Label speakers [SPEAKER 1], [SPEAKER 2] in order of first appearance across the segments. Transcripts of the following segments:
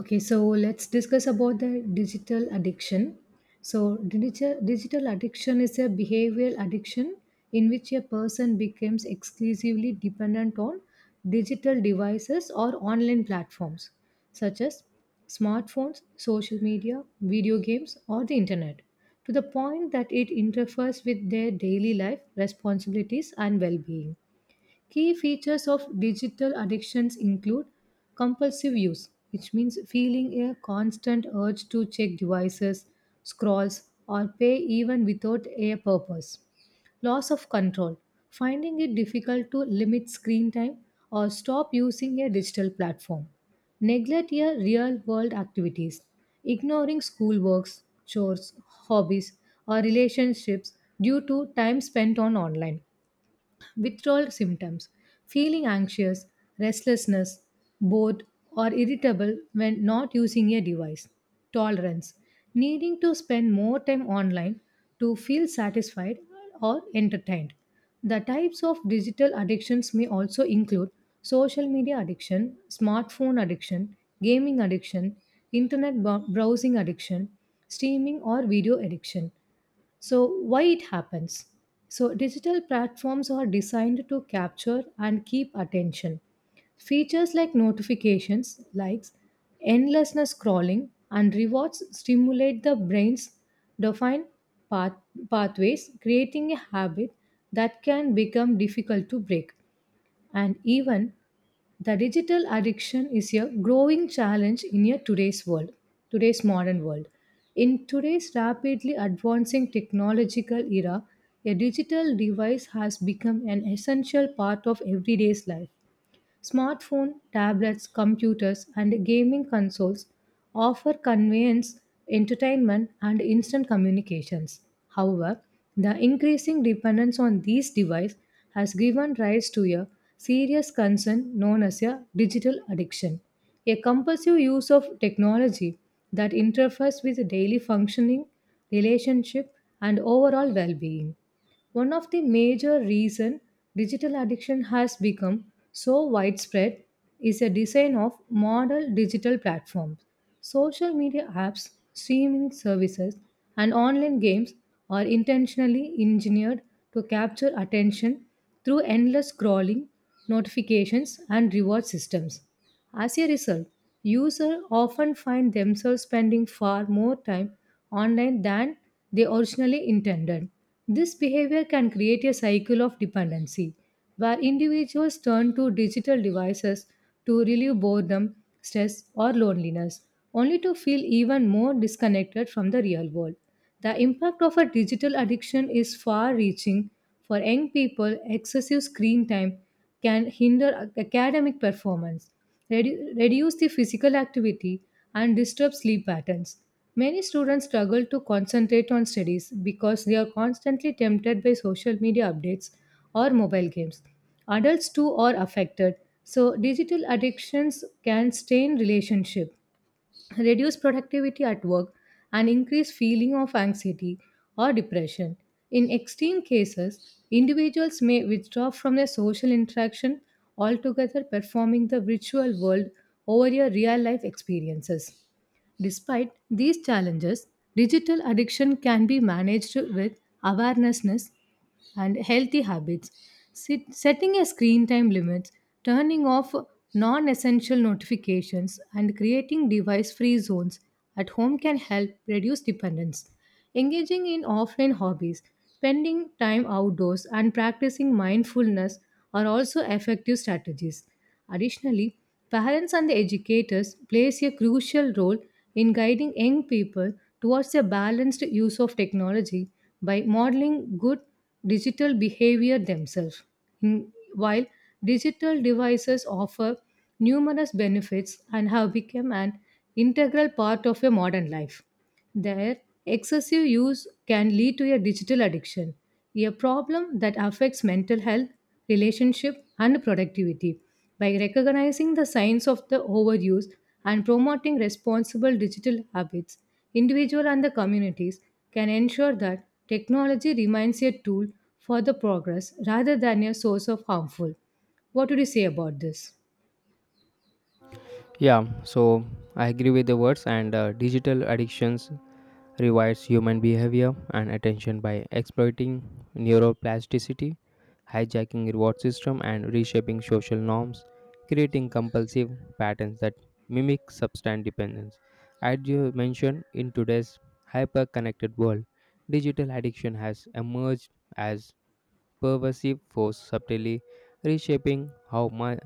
[SPEAKER 1] Okay, so let's discuss about the digital addiction. So, digital addiction is a behavioral addiction in which a person becomes exclusively dependent on digital devices or online platforms such as smartphones, social media, video games, or the internet to the point that it interferes with their daily life, responsibilities, and well being. Key features of digital addictions include compulsive use, which means feeling a constant urge to check devices, scrolls, or pay even without a purpose. Loss of control, finding it difficult to limit screen time or stop using a digital platform. Neglect your real world activities, ignoring schoolworks, chores, hobbies, or relationships due to time spent on online withdrawal symptoms, feeling anxious, restlessness, bored, or irritable when not using a device, tolerance, needing to spend more time online to feel satisfied or entertained. The types of digital addictions may also include social media addiction, smartphone addiction, gaming addiction, browsing addiction, streaming or video addiction. So, why it happens? So, digital platforms are designed to capture and keep attention. Features like notifications, likes, endless scrolling, and rewards stimulate the brain's dopamine path- pathways, creating a habit that can become difficult to break. And even the digital addiction is a growing challenge in a today's modern world. In today's rapidly advancing technological era, a digital device has become an essential part of everyday's life. Smartphones, tablets, computers, and gaming consoles offer convenience, entertainment, and instant communications. However, the increasing dependence on these devices has given rise to a serious concern known as a digital addiction, a compulsive use of technology that interferes with daily functioning, relationship, and overall well being. One of the major reason digital addiction has become so widespread is a design of modern digital platforms. Social media apps, streaming services, and online games are intentionally engineered to capture attention through endless scrolling, notifications, and reward systems. As a result, users often find themselves spending far more time online than they originally intended. This behavior can create a cycle of dependency where individuals turn to digital devices to relieve boredom, stress, or loneliness, only to feel even more disconnected from the real world. The impact of a digital addiction is far reaching. For young people, excessive screen time can hinder academic performance reduce the physical activity, and disturb sleep patterns. Many students struggle to concentrate on studies because they are constantly tempted by social media updates or mobile games. Adults too are affected, so digital addictions can strain relationship reduce productivity at work and increase feeling of anxiety or depression in extreme cases individuals may withdraw from their social interaction altogether performing the virtual world over your real life experiences. Despite these challenges, digital addiction can be managed with awarenessness and healthy habits. Setting a screen time limit, turning off non essential notifications, and creating device free zones at home can help reduce dependence. Engaging in offline hobbies, spending time outdoors, and practicing mindfulness are also effective strategies. Additionally, parents and the educators plays a crucial role in guiding young people towards a balanced use of technology by modeling good digital behavior themselves. While digital devices offer numerous benefits and have become an integral part of a modern life, their excessive use can lead to a digital addiction, a problem that affects mental health, relationship, and productivity. By recognizing the signs of the overuse and promoting responsible digital habits, individual and the communities can ensure that technology remains a tool for the progress rather than a source of harmful. What would you say about this?
[SPEAKER 2] Yeah, so I agree with the words, and digital addictions rewires human behavior and attention by exploiting neuroplasticity, hijacking reward system, and reshaping social norms, creating compulsive patterns that mimic substance dependence. As you mentioned, in today's hyper-connected world, digital addiction has emerged as pervasive force subtly reshaping how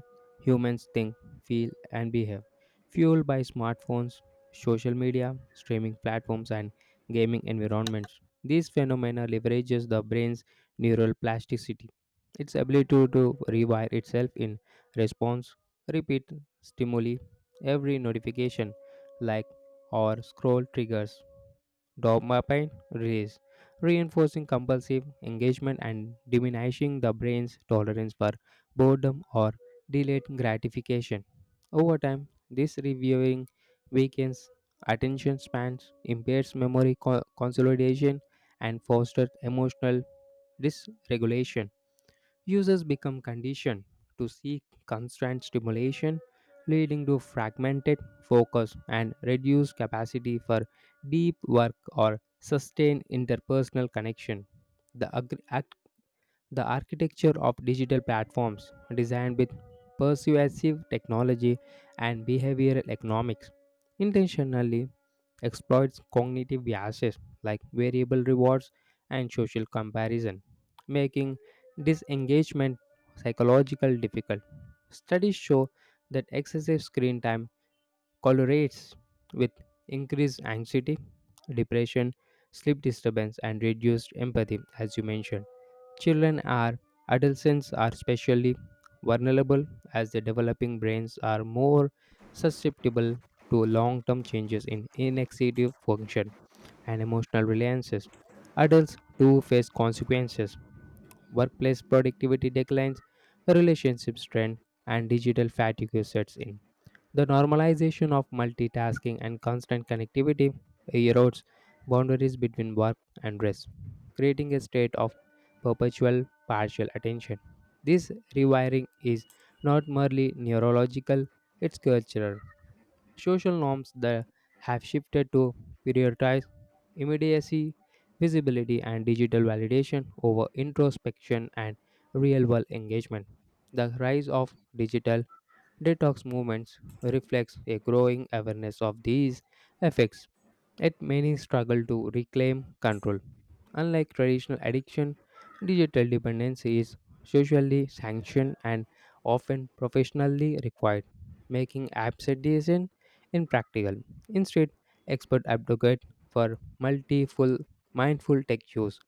[SPEAKER 2] humans think, feel, and behave. Fueled by smartphones, social media, streaming platforms, and gaming environments, this phenomena leverages the brain's neural plasticity, its ability to rewire itself in response, repeat stimuli, every notification, like or scroll triggers dopamine release, reinforcing compulsive engagement and diminishing the brain's tolerance for boredom or delayed gratification. Over time, this reviewing weakens attention spans, impairs memory consolidation, and fosters emotional dysregulation. Users become conditioned to seek constant stimulation, leading to fragmented focus and reduced capacity for deep work or sustained interpersonal connection. The, agr- act- the architecture of digital platforms designed with persuasive technology and behavioral economics intentionally exploits cognitive biases like variable rewards and social comparison, making disengagement psychological difficult. Studies show that excessive screen time correlates with increased anxiety, depression, sleep disturbance, and reduced empathy, as you mentioned. Children are adolescents are especially vulnerable as their developing brains are more susceptible to long-term changes in inexecutive function and emotional reliances. Adults too face consequences. Workplace productivity declines, relationship strain, and digital fatigue sets in. The normalization of multitasking and constant connectivity erodes boundaries between work and rest, creating a state of perpetual partial attention. This rewiring is not merely neurological, it's cultural. Social norms that have shifted to prioritize immediacy, visibility, and digital validation over introspection and real world engagement. The rise of digital detox movements reflects a growing awareness of these effects. Yet many struggle to reclaim control. Unlike traditional addiction, digital dependence is socially sanctioned and often professionally required, making abstinence impractical. Instead, experts advocate for multiple mindful tech use,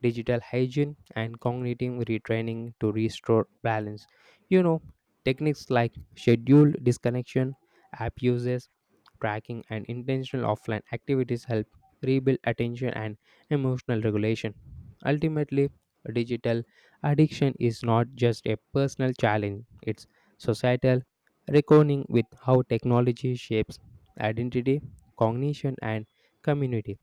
[SPEAKER 2] digital hygiene, and cognitive retraining to restore balance. You know, techniques like scheduled disconnection, app uses, tracking and intentional offline activities help rebuild attention and emotional regulation. Ultimately, digital addiction is not just a personal challenge, it's societal, reckoning with how technology shapes identity, cognition, and community.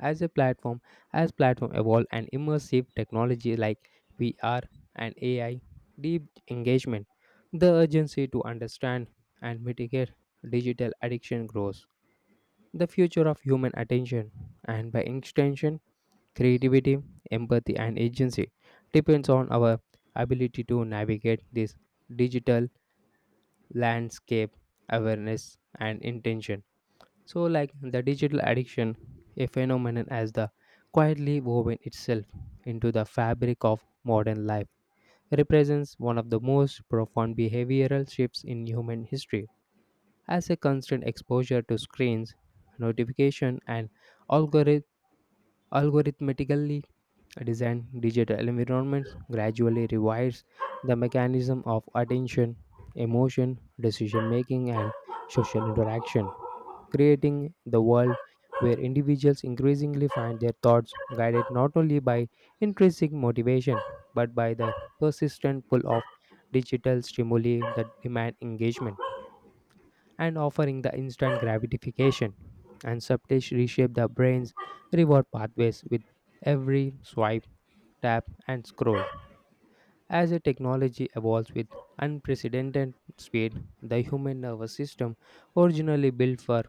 [SPEAKER 2] As a platform, as platform evolve and immersive technology like VR and AI, deep engagement, the urgency to understand and mitigate digital addiction grows the future of human attention and by extension creativity empathy and agency depends on our ability to navigate this digital landscape awareness and intention so like the digital addiction a phenomenon as the quietly woven itself into the fabric of modern life represents one of the most profound behavioral shifts in human history as a constant exposure to screens notification and algori- algorithmically designed digital environments gradually rewires the mechanism of attention, emotion, decision making, and social interaction, creating the world where individuals increasingly find their thoughts guided not only by intrinsic motivation but by the persistent pull of digital stimuli that demand engagement and offering the instant gratification and subtly reshape the brain's reward pathways with every swipe, tap, and scroll. As a technology evolves with unprecedented speed, the human nervous system, originally built for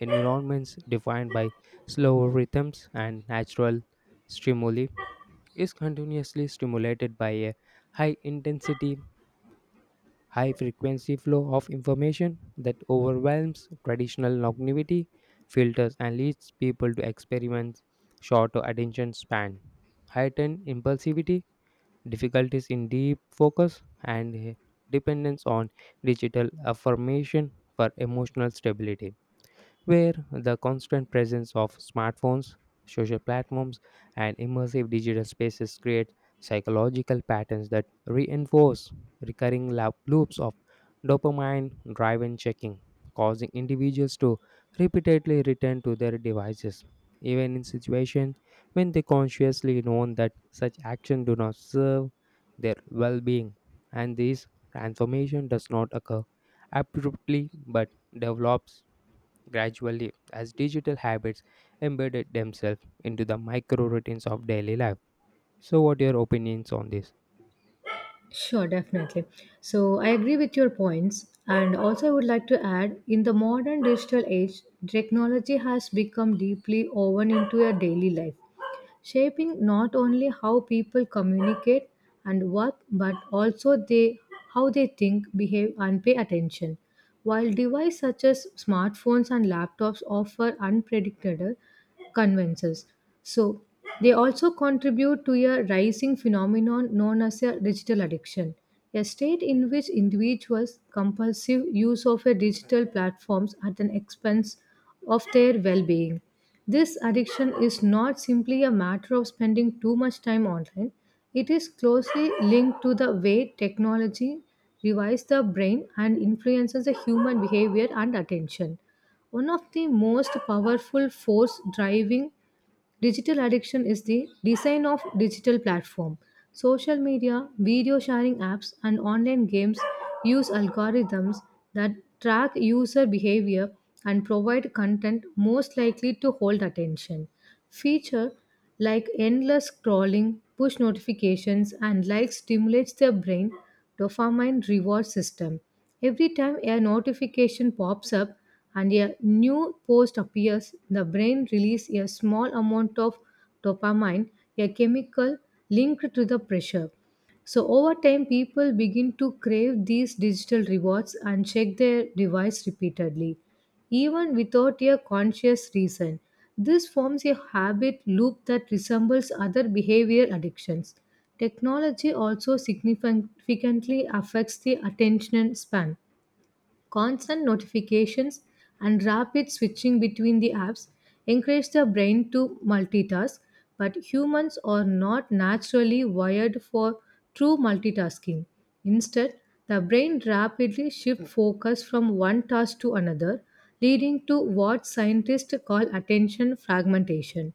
[SPEAKER 2] environments defined by slower rhythms and natural stimuli, is continuously stimulated by a high intensity high frequency flow of information that overwhelms traditional longevity filters and leads people to experiments shorter attention span, heightened impulsivity, difficulties in deep focus, and dependence on digital affirmation for emotional stability where the constant presence of smartphones, social platforms, and immersive digital spaces create psychological patterns that reinforce recurring loops of dopamine driven checking, causing individuals to repeatedly return to their devices, even in situations when they consciously know that such action do not serve their well-being. And this transformation does not occur abruptly but develops gradually as digital habits embedded themselves into the micro routines of daily life. So, what are your opinions on this?
[SPEAKER 1] Sure, definitely. So I agree with your points. And also, I would like to add in the modern digital age, technology has become deeply woven into our daily life shaping not only how people communicate and work but also they how they think, behave and pay attention. While devices such as smartphones and laptops offer unpredictable conveniences, so they also contribute to a rising phenomenon known as a digital addiction, a state in which individuals compulsive use of a digital platforms at an expense of their well-being. This addiction is not simply a matter of spending too much time online, it is closely linked to the way technology revives the brain and influences the human behavior and attention. One of the most powerful force driving digital addiction is the design of digital platform. Social media, video sharing apps and online games use algorithms that track user behavior and provide content most likely to hold attention. Feature like endless scrolling, push notifications, and likes stimulates their brain dopamine reward system. Every time a notification pops up and a new post appears, the brain releases a small amount of dopamine, a chemical linked to the pressure. So over time, people begin to crave these digital rewards and check their device repeatedly, even without a conscious reason. This forms a habit loop that resembles other behavior addictions. Technology also significantly affects the attention span. Constant notifications and rapid switching between the apps encourage the brain to multitask, but humans are not naturally wired for true multitasking. Instead, the brain rapidly shifts focus from one task to another, leading to what scientists call attention fragmentation.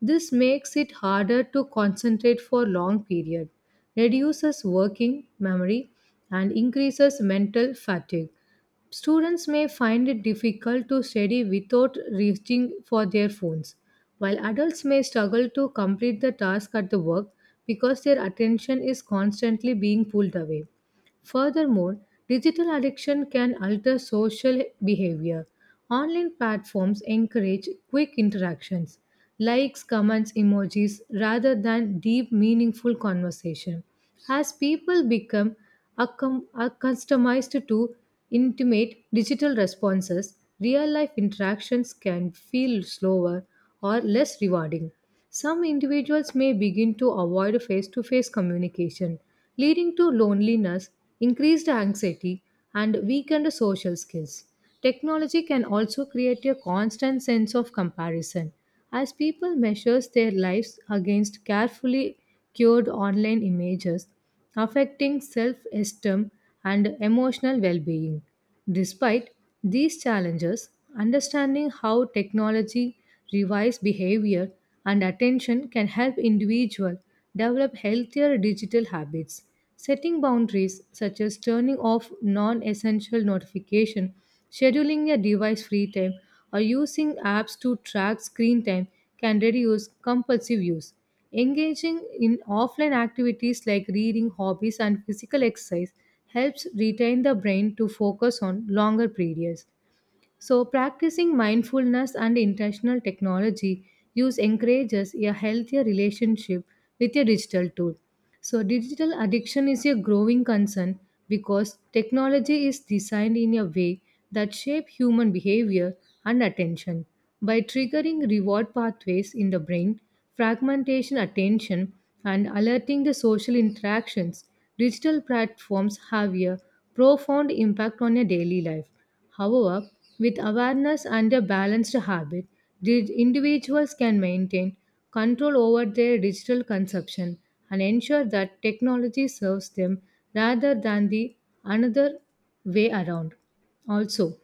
[SPEAKER 1] This makes it harder to concentrate for long period, reduces working memory, and increases mental fatigue. Students may find it difficult to study without reaching for their phones, while adults may struggle to complete the task at the work because their attention is constantly being pulled away. Furthermore, digital addiction can alter social behavior. Online platforms encourage quick interactions, likes, comments, emojis, rather than deep, meaningful conversation. As people become accustomed to intimate digital responses, real life interactions can feel slower or less rewarding. Some individuals may begin to avoid face to face communication, leading to loneliness, increased anxiety, and weakened social skills. Technology can also create a constant sense of comparison as people measure their lives against carefully cured online images, affecting self esteem and emotional well being. Despite these challenges, understanding how technology rewires behavior and attention can help individuals develop healthier digital habits. Setting boundaries such as turning off non-essential notification, scheduling a device-free time, or using apps to track screen time can reduce compulsive use. Engaging in offline activities like reading, hobbies, and physical exercise helps retain the brain to focus on longer periods. So, practicing mindfulness and intentional technology use encourages a healthier relationship with a digital tool. So, digital addiction is a growing concern because technology is designed in a way that shape human behavior and attention by triggering reward pathways in the brain, fragmentation attention, and alerting the social interactions. Digital platforms have a profound impact on your daily life. However, with awareness and a balanced habit, the individuals can maintain control over their digital consumption and ensure that technology serves them rather than the another way around. Also,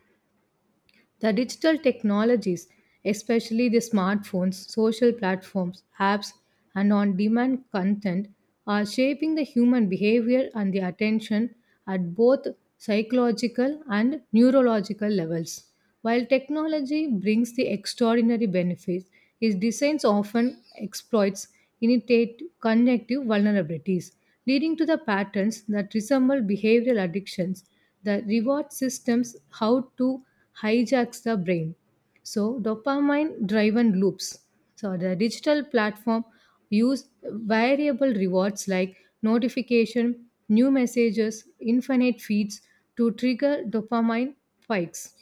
[SPEAKER 1] the digital technologies, especially the smartphones, social platforms, apps, and on demand content, are shaping the human behavior and the attention at both psychological and neurological levels. While technology brings the extraordinary benefits, its designs often exploits initiate connective vulnerabilities, leading to the patterns that resemble behavioral addictions. The reward systems how to hijacks the brain. So dopamine driven loops. So the digital platform use variable rewards like notification, new messages, infinite feeds to trigger dopamine spikes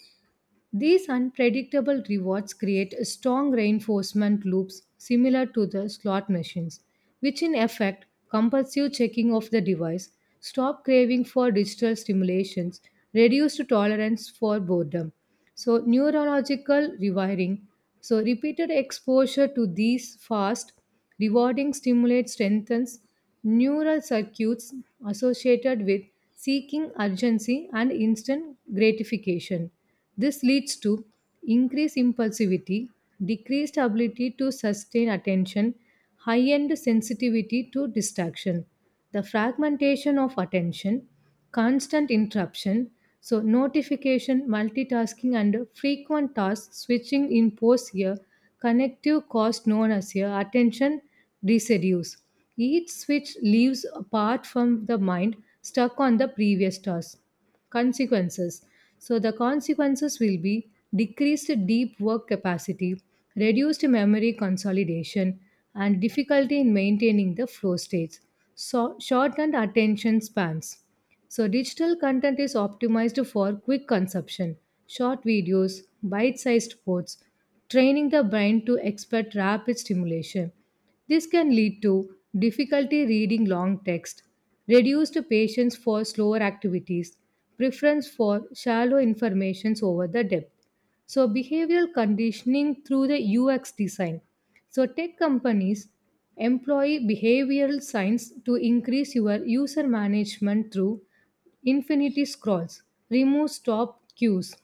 [SPEAKER 1] these unpredictable rewards create strong reinforcement loops similar to the slot machines, which in effect compulsive checking of the device, stop craving for digital stimulations, reduced tolerance for boredom. So neurological rewiring. So repeated exposure to these fast, rewarding stimulate strengthens neural circuits associated with seeking urgency and instant gratification. This leads to increased impulsivity, decreased ability to sustain attention, high end sensitivity to distraction, the fragmentation of attention, constant interruption, so notification, multitasking, and frequent task switching impose a connective cost known as a attention residues. Each switch leaves a part from the mind stuck on the previous task consequences. So, the consequences will be decreased deep work capacity, reduced memory consolidation, and difficulty in maintaining the flow states, so shortened attention spans. So, digital content is optimized for quick consumption, short videos, bite sized quotes, training the brain to expect rapid stimulation. This can lead to difficulty reading long text, reduced patience for slower activities, preference for shallow informations over the depth. So behavioral conditioning through the UX design. So tech companies employ behavioral science to increase your user management through infinity scrolls, remove stop cues,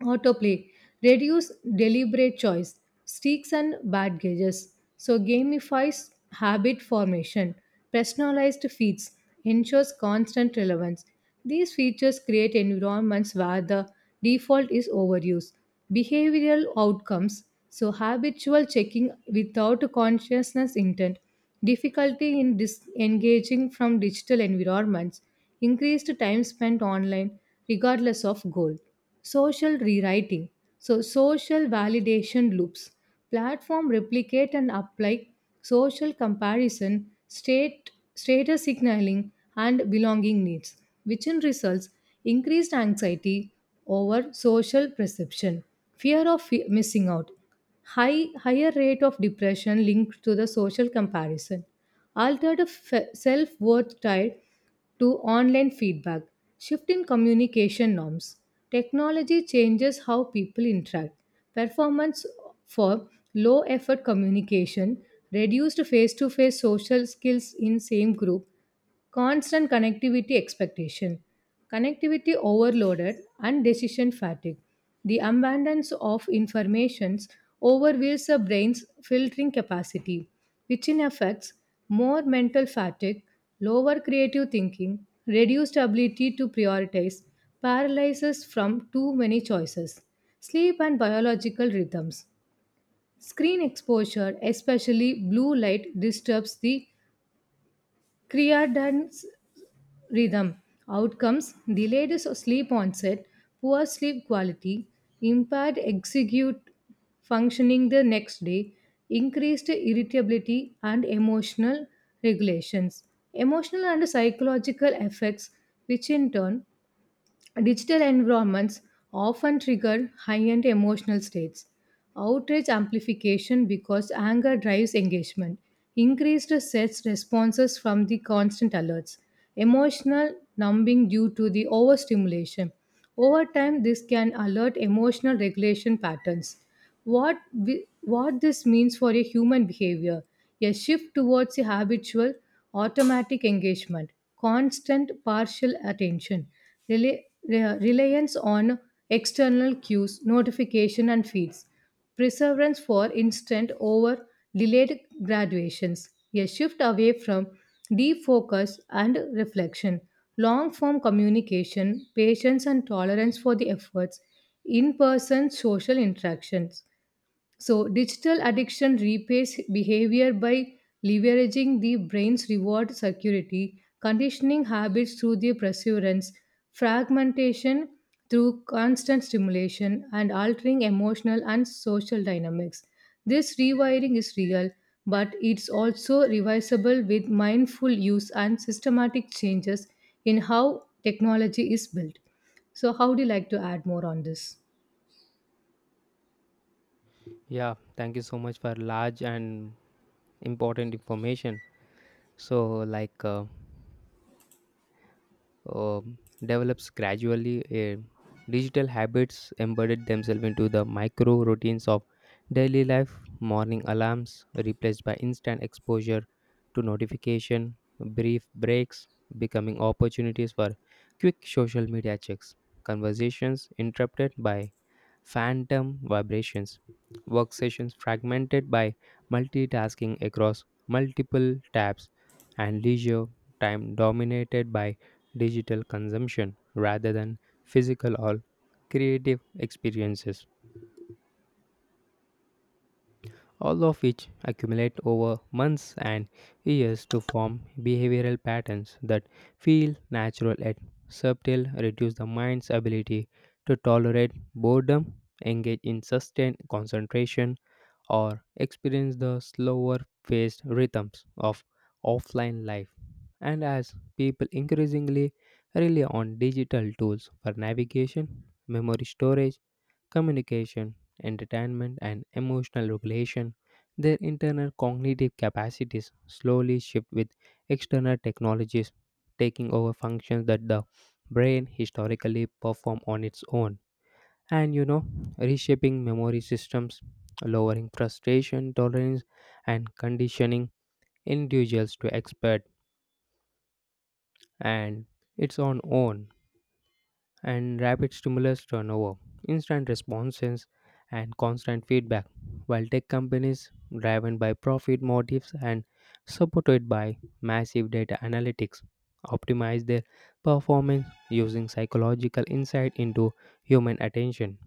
[SPEAKER 1] Autoplay. Reduce deliberate choice. Streaks and bad gauges. So gamifies habit formation. Personalized feeds ensures constant relevance. These features create environments where the default is overuse. Behavioral outcomes. So habitual checking without consciousness intent. Difficulty in disengaging from digital environments. Increased time spent online regardless of goal social rewriting so social validation loops platform replicate and apply social comparison state status signaling and belonging needs which in results increased anxiety over social perception fear of missing out high higher rate of depression linked to the social comparison altered self worth tide to online feedback, shift in communication norms. Technology changes how people interact. Performance for low effort communication, reduced face to face social skills in same group, constant connectivity expectation connectivity overloaded and decision fatigue the abundance of informations overwhelms the brain's filtering capacity which in effects more mental fatigue lower creative thinking reduced ability to prioritize paralysis from too many choices sleep and biological rhythms screen exposure especially blue light disturbs the creatine rhythm outcomes sleep onset poor sleep quality impaired execute functioning the next day increased irritability and emotional regulations emotional and psychological effects which in turn digital environments often trigger high end emotional states. Outrage amplification because anger drives engagement, increased sets responses from the constant alerts, emotional numbing due to the overstimulation. Over time, this can alert emotional regulation patterns. What this means for a human behavior a shift towards a habitual, automatic engagement, constant partial attention, rela- reliance on external cues, notification, and feeds preference for instant over delayed graduations, a shift away from deep focus and reflection, long form communication, patience and tolerance for the efforts, in person social interactions. So, digital addiction repays behavior by leveraging the brain's reward security, conditioning habits through the perseverance, fragmentation through constant stimulation, and altering emotional and social dynamics. This rewiring is real, but it's also reversible with mindful use and systematic changes in how technology is built. So, how would you like to add more on this?
[SPEAKER 2] Yeah, thank you so much for large and important information. So, um, develops gradually. A digital habits embedded themselves into the micro routines of daily life. Morning alarms replaced by instant exposure to notification, brief breaks becoming opportunities for quick social media checks, conversations interrupted by phantom vibrations, work sessions fragmented by multitasking across multiple tabs, and leisure time dominated by digital consumption rather than physical or creative experiences, all of which accumulate over months and years to form behavioral patterns that feel natural yet subtle, reduce the mind's ability to tolerate boredom, engage in sustained concentration, or experience the slower paced rhythms of offline life. And as people increasingly rely on digital tools for navigation, memory storage, communication, entertainment, and emotional regulation, their internal cognitive capacities slowly shift with external technologies taking over functions that the brain historically performed on its own and you know reshaping memory systems lowering frustration tolerance and conditioning individuals to expect and its on own and rapid stimulus turnover, instant responses, and constant feedback. While tech companies, driven by profit motives and supported by massive data analytics, optimize their performance using psychological insight into human attention,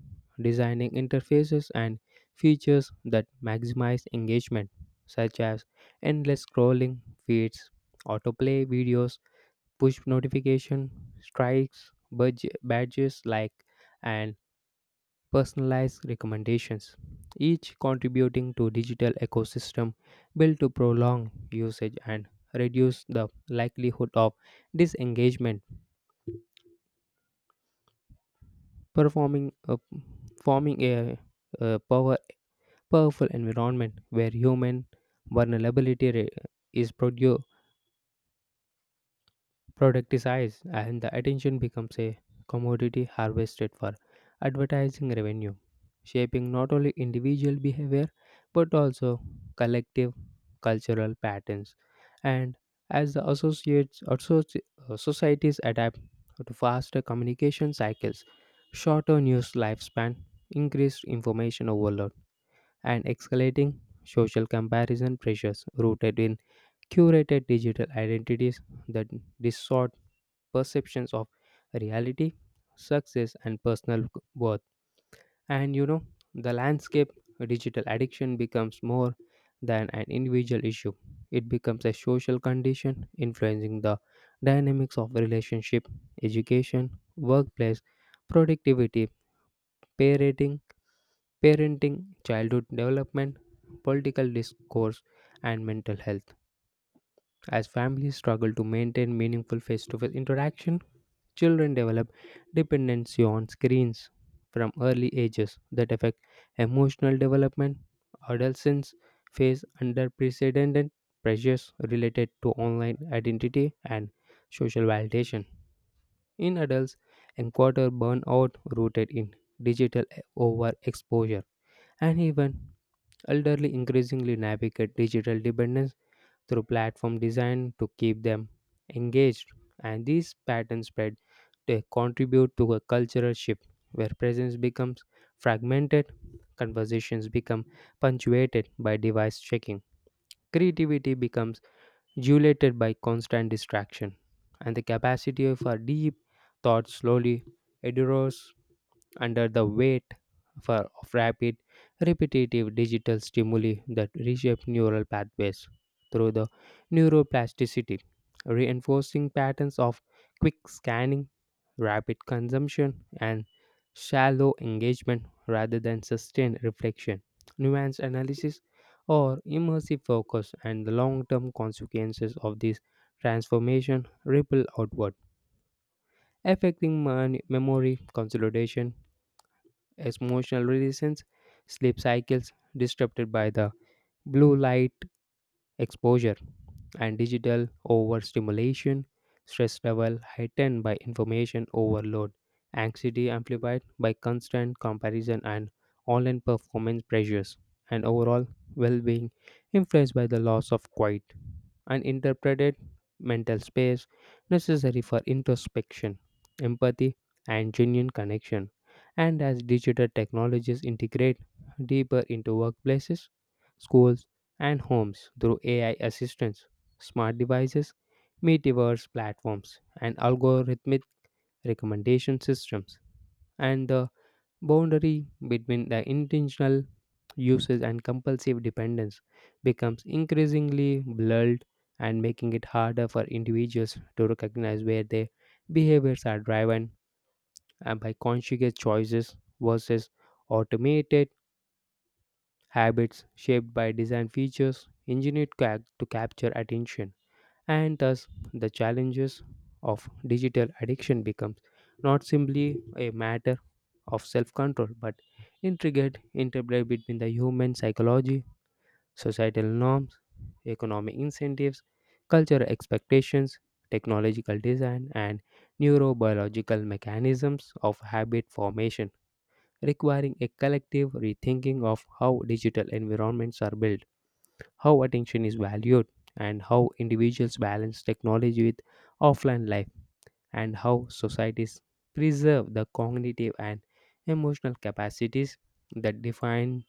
[SPEAKER 2] designing interfaces and features that maximize engagement, such as endless scrolling feeds, autoplay videos, push notification, strikes, badges like and personalized recommendations, each contributing to digital ecosystem built to prolong usage and reduce the likelihood of disengagement, performing a, forming a powerful environment where human vulnerability is produ- product is eyes, and the attention becomes a commodity harvested for advertising revenue, shaping not only individual behavior but also collective cultural patterns. And as the societies adapt to faster communication cycles, shorter news lifespan, increased information overload, and escalating social comparison pressures rooted in curated digital identities that distort perceptions of reality, success, and personal worth. And you know, the landscape digital addiction becomes more than an individual issue. It becomes a social condition influencing the dynamics of relationship, education, workplace, productivity, parenting, parenting, childhood development, political discourse, and mental health. As families struggle to maintain meaningful face to face interaction, children develop dependency on screens from early ages that affect emotional development. Adolescents face unprecedented pressures related to online identity and social validation. In adults, encounter burnout rooted in digital overexposure, and even elderly increasingly navigate digital dependence through platform design to keep them engaged. And these patterns spread, they contribute to a cultural shift where presence becomes fragmented, conversations become punctuated by device checking, creativity becomes dilated by constant distraction, and the capacity for deep thought slowly erodes under the of rapid, repetitive digital stimuli that reshape neural pathways through the neuroplasticity, reinforcing patterns of quick scanning, rapid consumption, and shallow engagement rather than sustained reflection, nuanced analysis, or immersive focus, and the long term consequences of this transformation ripple outward affecting memory consolidation as emotional reasons, sleep cycles disrupted by the blue light, exposure, and digital overstimulation, stress level heightened by information overload, anxiety amplified by constant comparison and online performance pressures, and overall well being influenced by the loss of quiet and interpreted mental space necessary for introspection, empathy, and genuine connection. And as digital technologies integrate deeper into workplaces, schools, and homes through AI assistance, smart devices, metaverse platforms, and algorithmic recommendation systems. And the boundary between the intentional uses and compulsive dependence becomes increasingly blurred and making it harder for individuals to recognize where their behaviors are driven and by conscious choices versus automated habits shaped by design features engineered to capture attention. And thus, the challenges of digital addiction becomes not simply a matter of self-control, but intricate interplay between the human psychology, societal norms, economic incentives, cultural expectations, technological design, and neurobiological mechanisms of habit formation requiring a collective rethinking of how digital environments are built, how attention is valued, and how individuals balance technology with offline life, and how societies preserve the cognitive and emotional capacities that define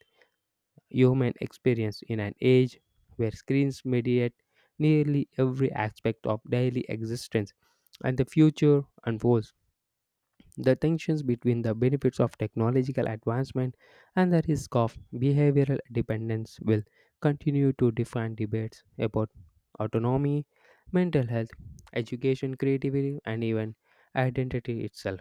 [SPEAKER 2] human experience in an age where screens mediate nearly every aspect of daily existence and the future unfolds the tensions between the benefits of technological advancement and the risk of behavioral dependence will continue to define debates about autonomy, mental health, education, creativity, and even identity itself,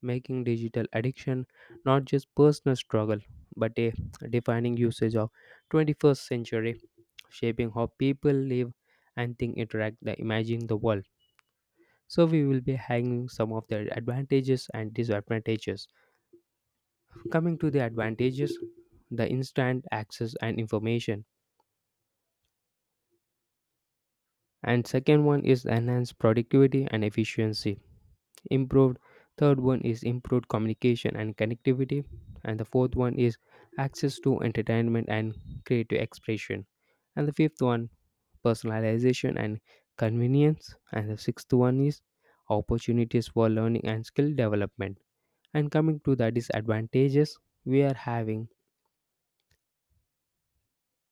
[SPEAKER 2] making digital addiction not just personal struggle but a defining usage of 21st century shaping how people live and think interact and imagine the world so we will be hanging some of the advantages and disadvantages. Coming to the advantages, the instant access and information. And second one is enhanced productivity and efficiency. Improved. Third one is improved communication and connectivity. And the fourth one is access to entertainment and creative expression. And the fifth one, personalization and convenience. And the sixth one is opportunities for learning and skill development. And coming to the disadvantages, we are having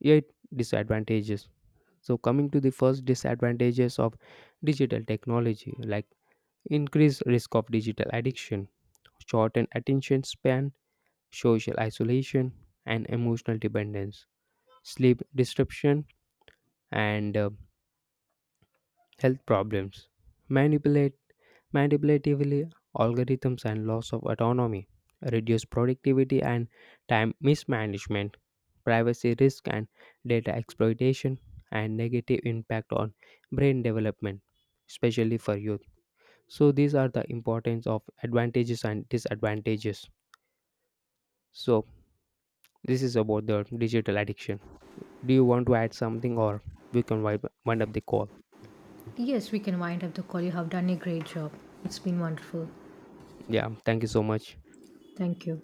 [SPEAKER 2] eight disadvantages. So coming to the first disadvantages of digital technology, like increased risk of digital addiction, shortened attention span, social isolation, and emotional dependence, sleep disruption, and health problems. Manipulate manipulatively algorithms and loss of autonomy, reduced productivity and time mismanagement, privacy risk and data exploitation, and negative impact on brain development, especially for youth. So these are the importance of advantages and disadvantages. So this is about the digital addiction. Do you want to add something or we can wind up the call?
[SPEAKER 1] Yes, we can wind up the call. You have done a great job. It's been wonderful.
[SPEAKER 2] Yeah, thank you so much.
[SPEAKER 1] Thank you.